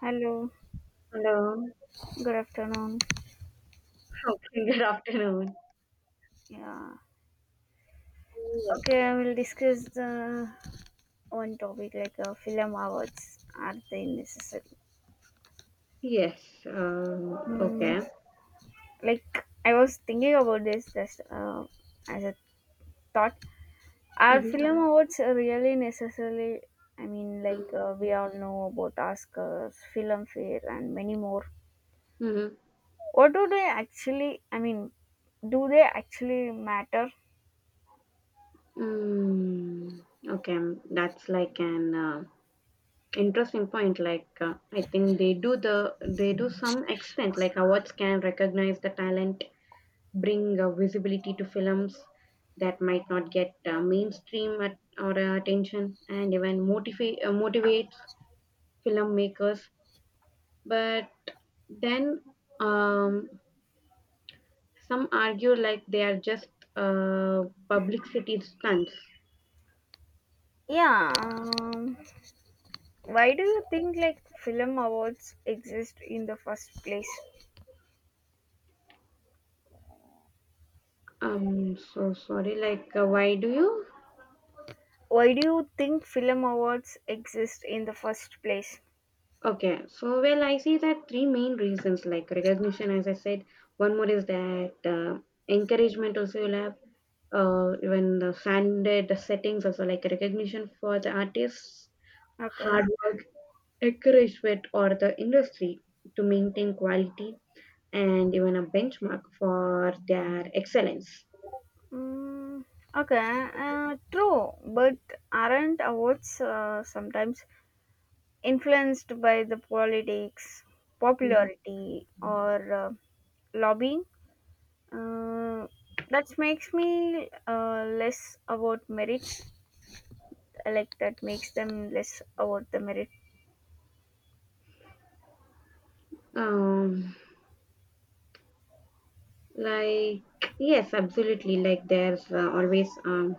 Hello, Hello. good afternoon. Okay, good afternoon. Yeah. Yes. Okay, I will discuss the one topic like film awards, are they necessary? Yes. Um, Mm, okay. like I was thinking about this just as a thought. Are Mm-hmm. film awards really necessarily? I mean, like we all know about Oscars, Filmfare, and many more. Mm-hmm. What do they actually? I mean, do they actually matter? Mm, okay. That's like an interesting point. Like I think they do some extent. Like awards can recognize the talent, bring visibility to films that might not get mainstream at, or attention, and even motivates filmmakers. But then um, some argue like they are just uh, publicity stunts. Yeah. Why do you think like film awards exist in the first place? I'm so sorry. Like, why do you? Why do you think film awards exist in the first place? Okay, so well, I see that three main reasons like recognition, as I said. One more is that encouragement, also, you'll have even the standard settings, also like recognition for the artists, Okay. hard work, encouragement, or the industry to maintain quality, and even a benchmark for their excellence. Mm, okay. True, but aren't awards sometimes influenced by the politics, Mhm. popularity, or lobbying? Uh, that makes me less about merit. Like that makes them less about the merit. Um, like, yes, absolutely. Like, there's always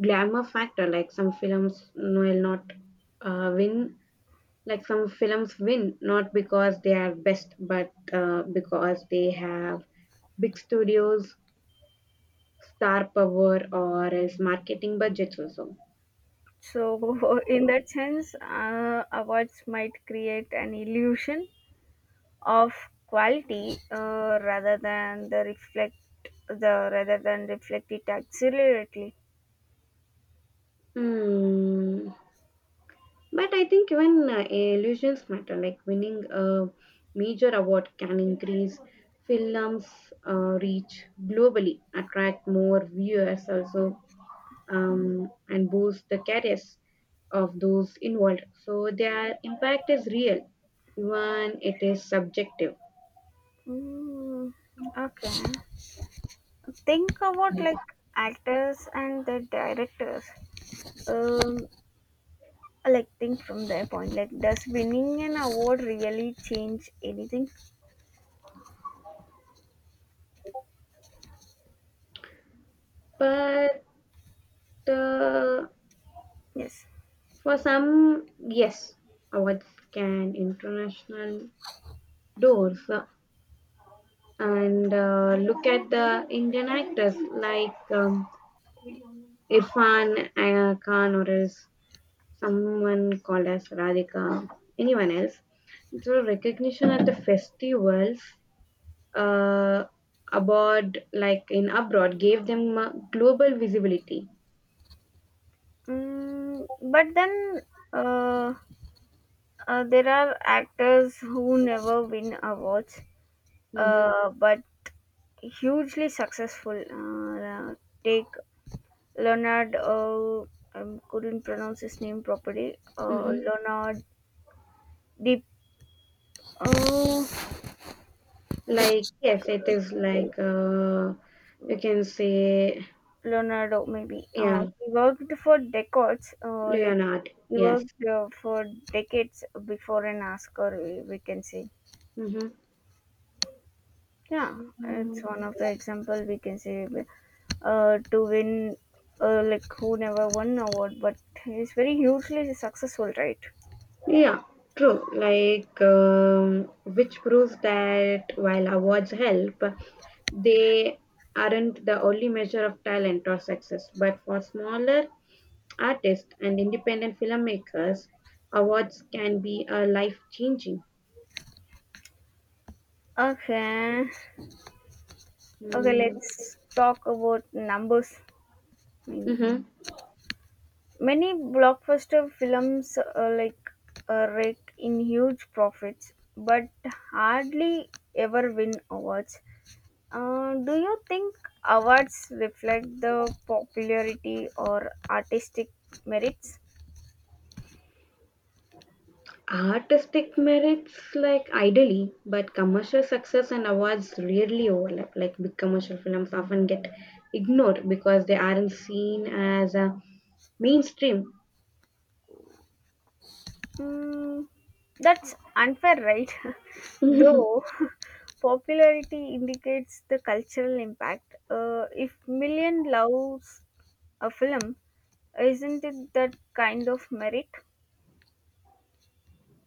glamour factor. Like, some films will not win. Like, some films win not because they are best, but because they have big studios, star power, or else marketing budgets also. So, in that sense, awards might create an illusion of quality rather than reflect it accurately. Hmm. But I think even illusions matter, like winning a major award can increase films' reach globally, attract more viewers also, and boost the careers of those involved. So their impact is real, even it is subjective. Mm, okay, think about like actors and the directors. Um, like think from their point. Like, does winning an award really change anything? But uh, Yes. for some, yes, awards can international doors. So and look at the Indian actors like Irfan Khan or else someone called as Radhika, anyone else. So recognition at the festivals uh, abroad, like in abroad, gave them global visibility. Mm, but then. Uh, there are actors who never win awards, Hmm. But hugely successful. Take Leonard, I couldn't pronounce his name properly. Hmm. Leonard Deep, uh, Like yes, it is like you can say Leonardo maybe. Yeah, He worked for decades, like Leonard. he Yes. worked for decades before an Oscar. We can say. Mm-hmm. Yeah, it's So, one of the example we can say to win, like who never won award, but he's very hugely successful, right? yeah, true. Like, which proves that while awards help, they aren't the only measure of talent or success. But for smaller artists and independent filmmakers, awards can be a life changing. Okay, okay, Mm-hmm. let's talk about numbers. I mean, many blockbuster films rake in huge profits, but hardly ever win awards. Do you think awards reflect the popularity or artistic merits? Artistic merits, like ideally, but commercial success and awards rarely overlap. Like big commercial films often get ignored because they aren't seen as mainstream. Mm, that's unfair, right? Though popularity indicates the cultural impact. If million loves a film, isn't it that kind of merit?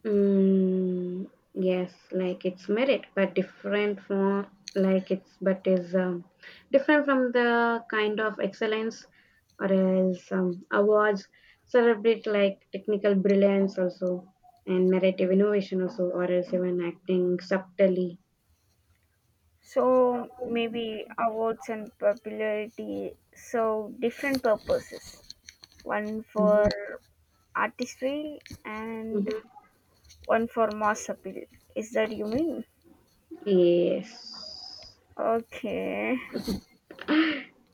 Mm, yes, like it's merit, but different from like it's but is different from the kind of excellence or else awards celebrate like technical brilliance also and narrative innovation also or else even acting subtly. So maybe awards and popularity serve different purposes. One for Mhm, artistry and mhm. one for mass appeal. Is that you mean? Yes. Okay.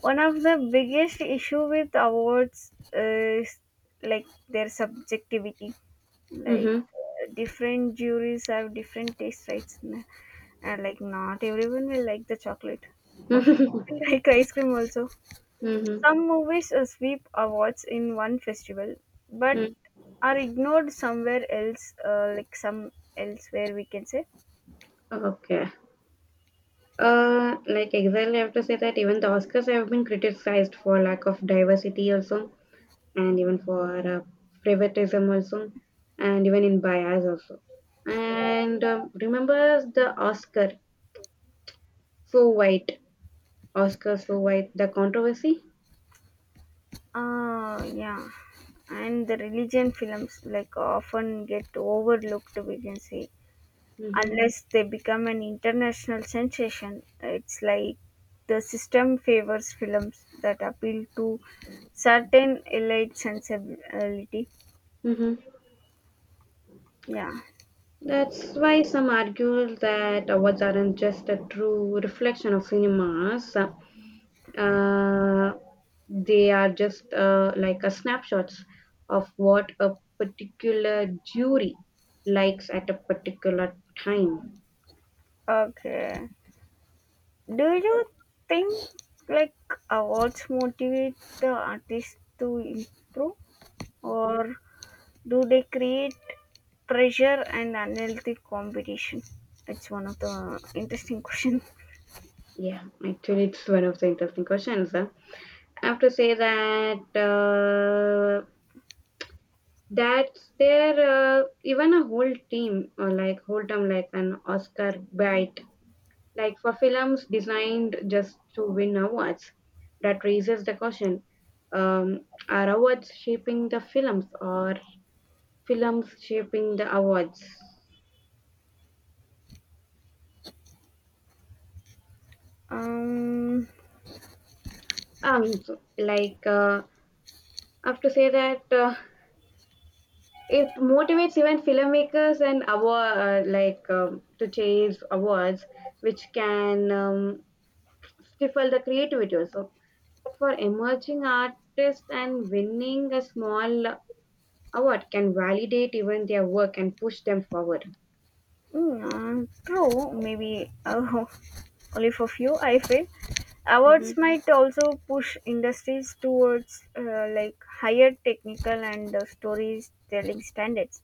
One of the biggest issue with awards is like their subjectivity. Like Mm-hmm. Different juries have different taste rights, and like not everyone will like the chocolate. Most people like ice cream also. Mm-hmm. Some movies sweep awards in one festival, but are ignored somewhere else, like some elsewhere we can say. Mm-hmm. Okay. Like exactly, I have to say that even the Oscars have been criticized for lack of diversity also, and even for favoritism also, and even in bias also. And remember the so white, Oscar so white, the controversy. Ah, yeah. And the religion films like often get overlooked, we can say, Mm-hmm. unless they become an international sensation. It's like the system favors films that appeal to certain elite sensibility. Mm-hmm. Yeah. That's why some argue that awards aren't just a true reflection of cinemas, uh, they are just like a snapshots of what a particular jury likes at a particular time. Okay. Do you think like awards motivate the artist to improve, or do they create pressure and unhealthy competition? That's one of the interesting questions. Yeah, actually, it's one of the interesting questions. Huh? I have to say that that's there even a whole team or like whole term like an Oscar bite like for films designed just to win awards that raises the question um, are awards shaping the films or films shaping the awards. Um, Um so, like I have to say that It motivates even filmmakers and award to chase awards which can stifle the creativity also, but for emerging artists and winning a small award can validate even their work and push them forward. mm, true, maybe only for few, I feel. Awards Mhm. might also push industries towards like higher technical and storytelling standards,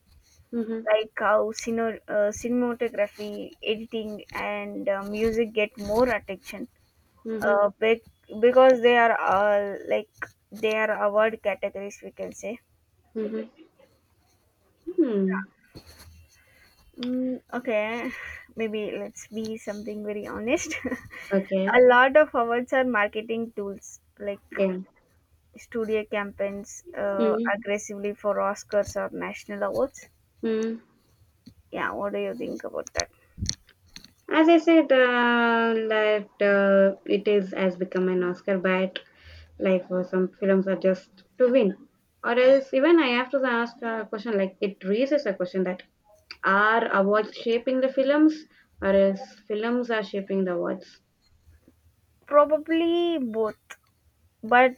Mhm, like how cinematography, editing, and music get more attention mhm, uh, bec- because they are like they are award categories we can say. mhm. Hmm. Okay, maybe let's be something very honest. Okay. A lot of awards are marketing tools, like Yeah. studio campaigns Mhm, aggressively for oscars or national awards. mhm. Yeah, what do you think about that? As I said, that it is has become an Oscar bait. Like for some films are just to win, or else even I have to ask a question. Like it raises a question that are awards shaping the films, or else films are shaping the awards. Probably both, but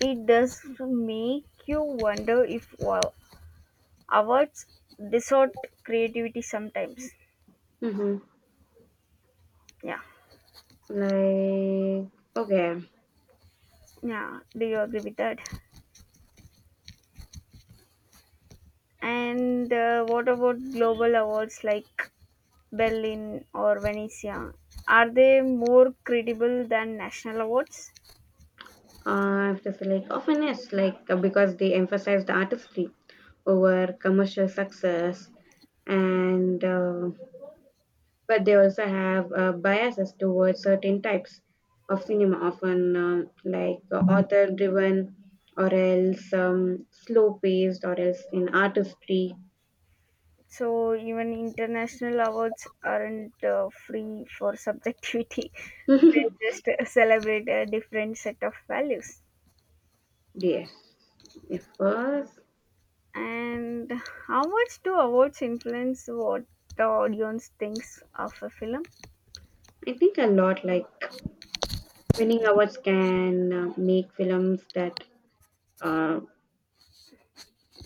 it does make you wonder if wow, awards distort creativity sometimes. Mm-hmm. Yeah. Like okay. Yeah, do you agree with that? And what about global awards like Berlin or Venezia? Are they more credible than national awards? It is like often is like because they emphasize the artistry over commercial success, and but they also have biases towards certain types of cinema, often author-driven or else slow-paced or else in artistry. So even international awards aren't free for subjectivity. They just celebrate a different set of values. yes, it was. And how much do awards influence what the audience thinks of a film? I think a lot like winning awards can make films that uh,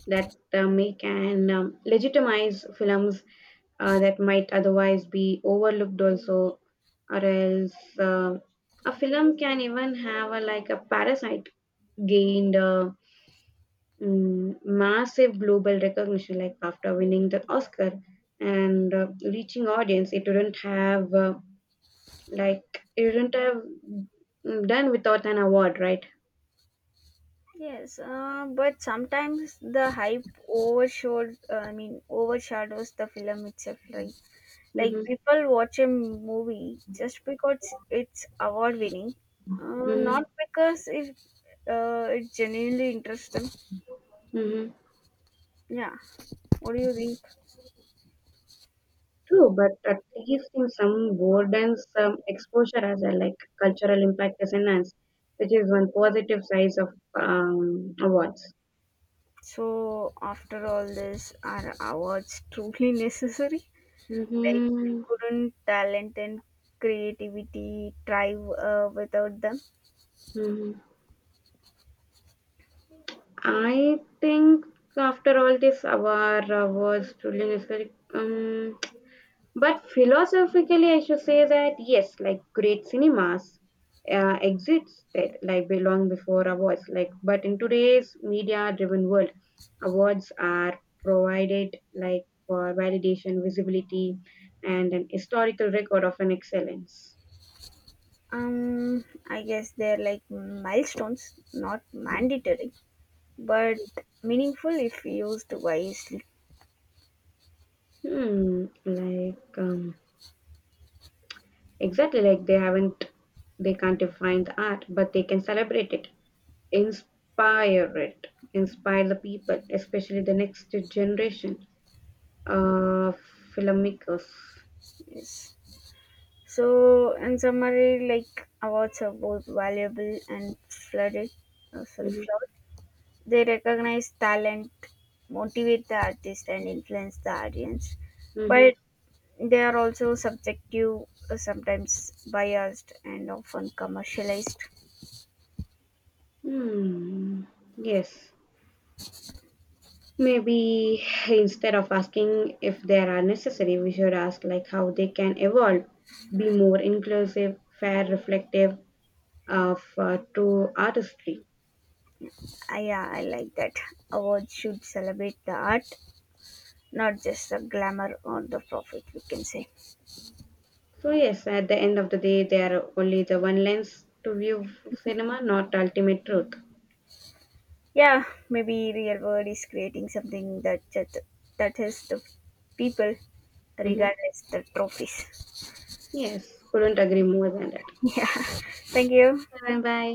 that make and legitimize films that might otherwise be overlooked also, or else uh, a film can even have a like a parasite gained massive global recognition like after winning the oscar and reaching audience it wouldn't have like it wouldn't have done without an award right. Yes, but sometimes the hype overshadows the film itself. Like Mm-hmm. people watch a movie just because it's award winning, Mm-hmm. not because it it genuinely interests them. Mm-hmm. Yeah, what do you think? True, but at least in some board and some exposure as a like cultural impact is enhanced, which is one positive size of awards. So after all this, are awards truly necessary? Like, Mm-hmm. couldn't talent and creativity thrive without them? Hmm. I think after all this, our awards truly is but philosophically, I should say that yes, like great cinemas exists that like belong before awards. Like, but in today's media-driven world, awards are provided like for validation, visibility, and an historical record of an excellence. Um, I guess they're like milestones, not mandatory, but meaningful if used wisely. Hmm, like um, exactly like they can't define the art, but they can celebrate it, inspire the people, especially the next generation Uh, filmmakers. Yes. So, in summary, like awards are both valuable and flooded. Oh, sorry, Mhm, flawed. They recognize talent, motivate the artist, and influence the audience, but mhm. they are also subjective, sometimes biased, and often commercialized. Hmm. Yes. Maybe instead of asking if they are necessary, we should ask like how they can evolve, be more inclusive, fair, reflective of to artistry. Ah, yeah, I like that. Awards should celebrate the art, not just the glamour or the profit, we can say. So yes, at the end of the day, they are only the one lens to view cinema, not ultimate truth. Yeah, maybe real world is creating something that is the people Hmm. regardless the trophies. Yes, couldn't agree more than that. Thank you. Bye bye.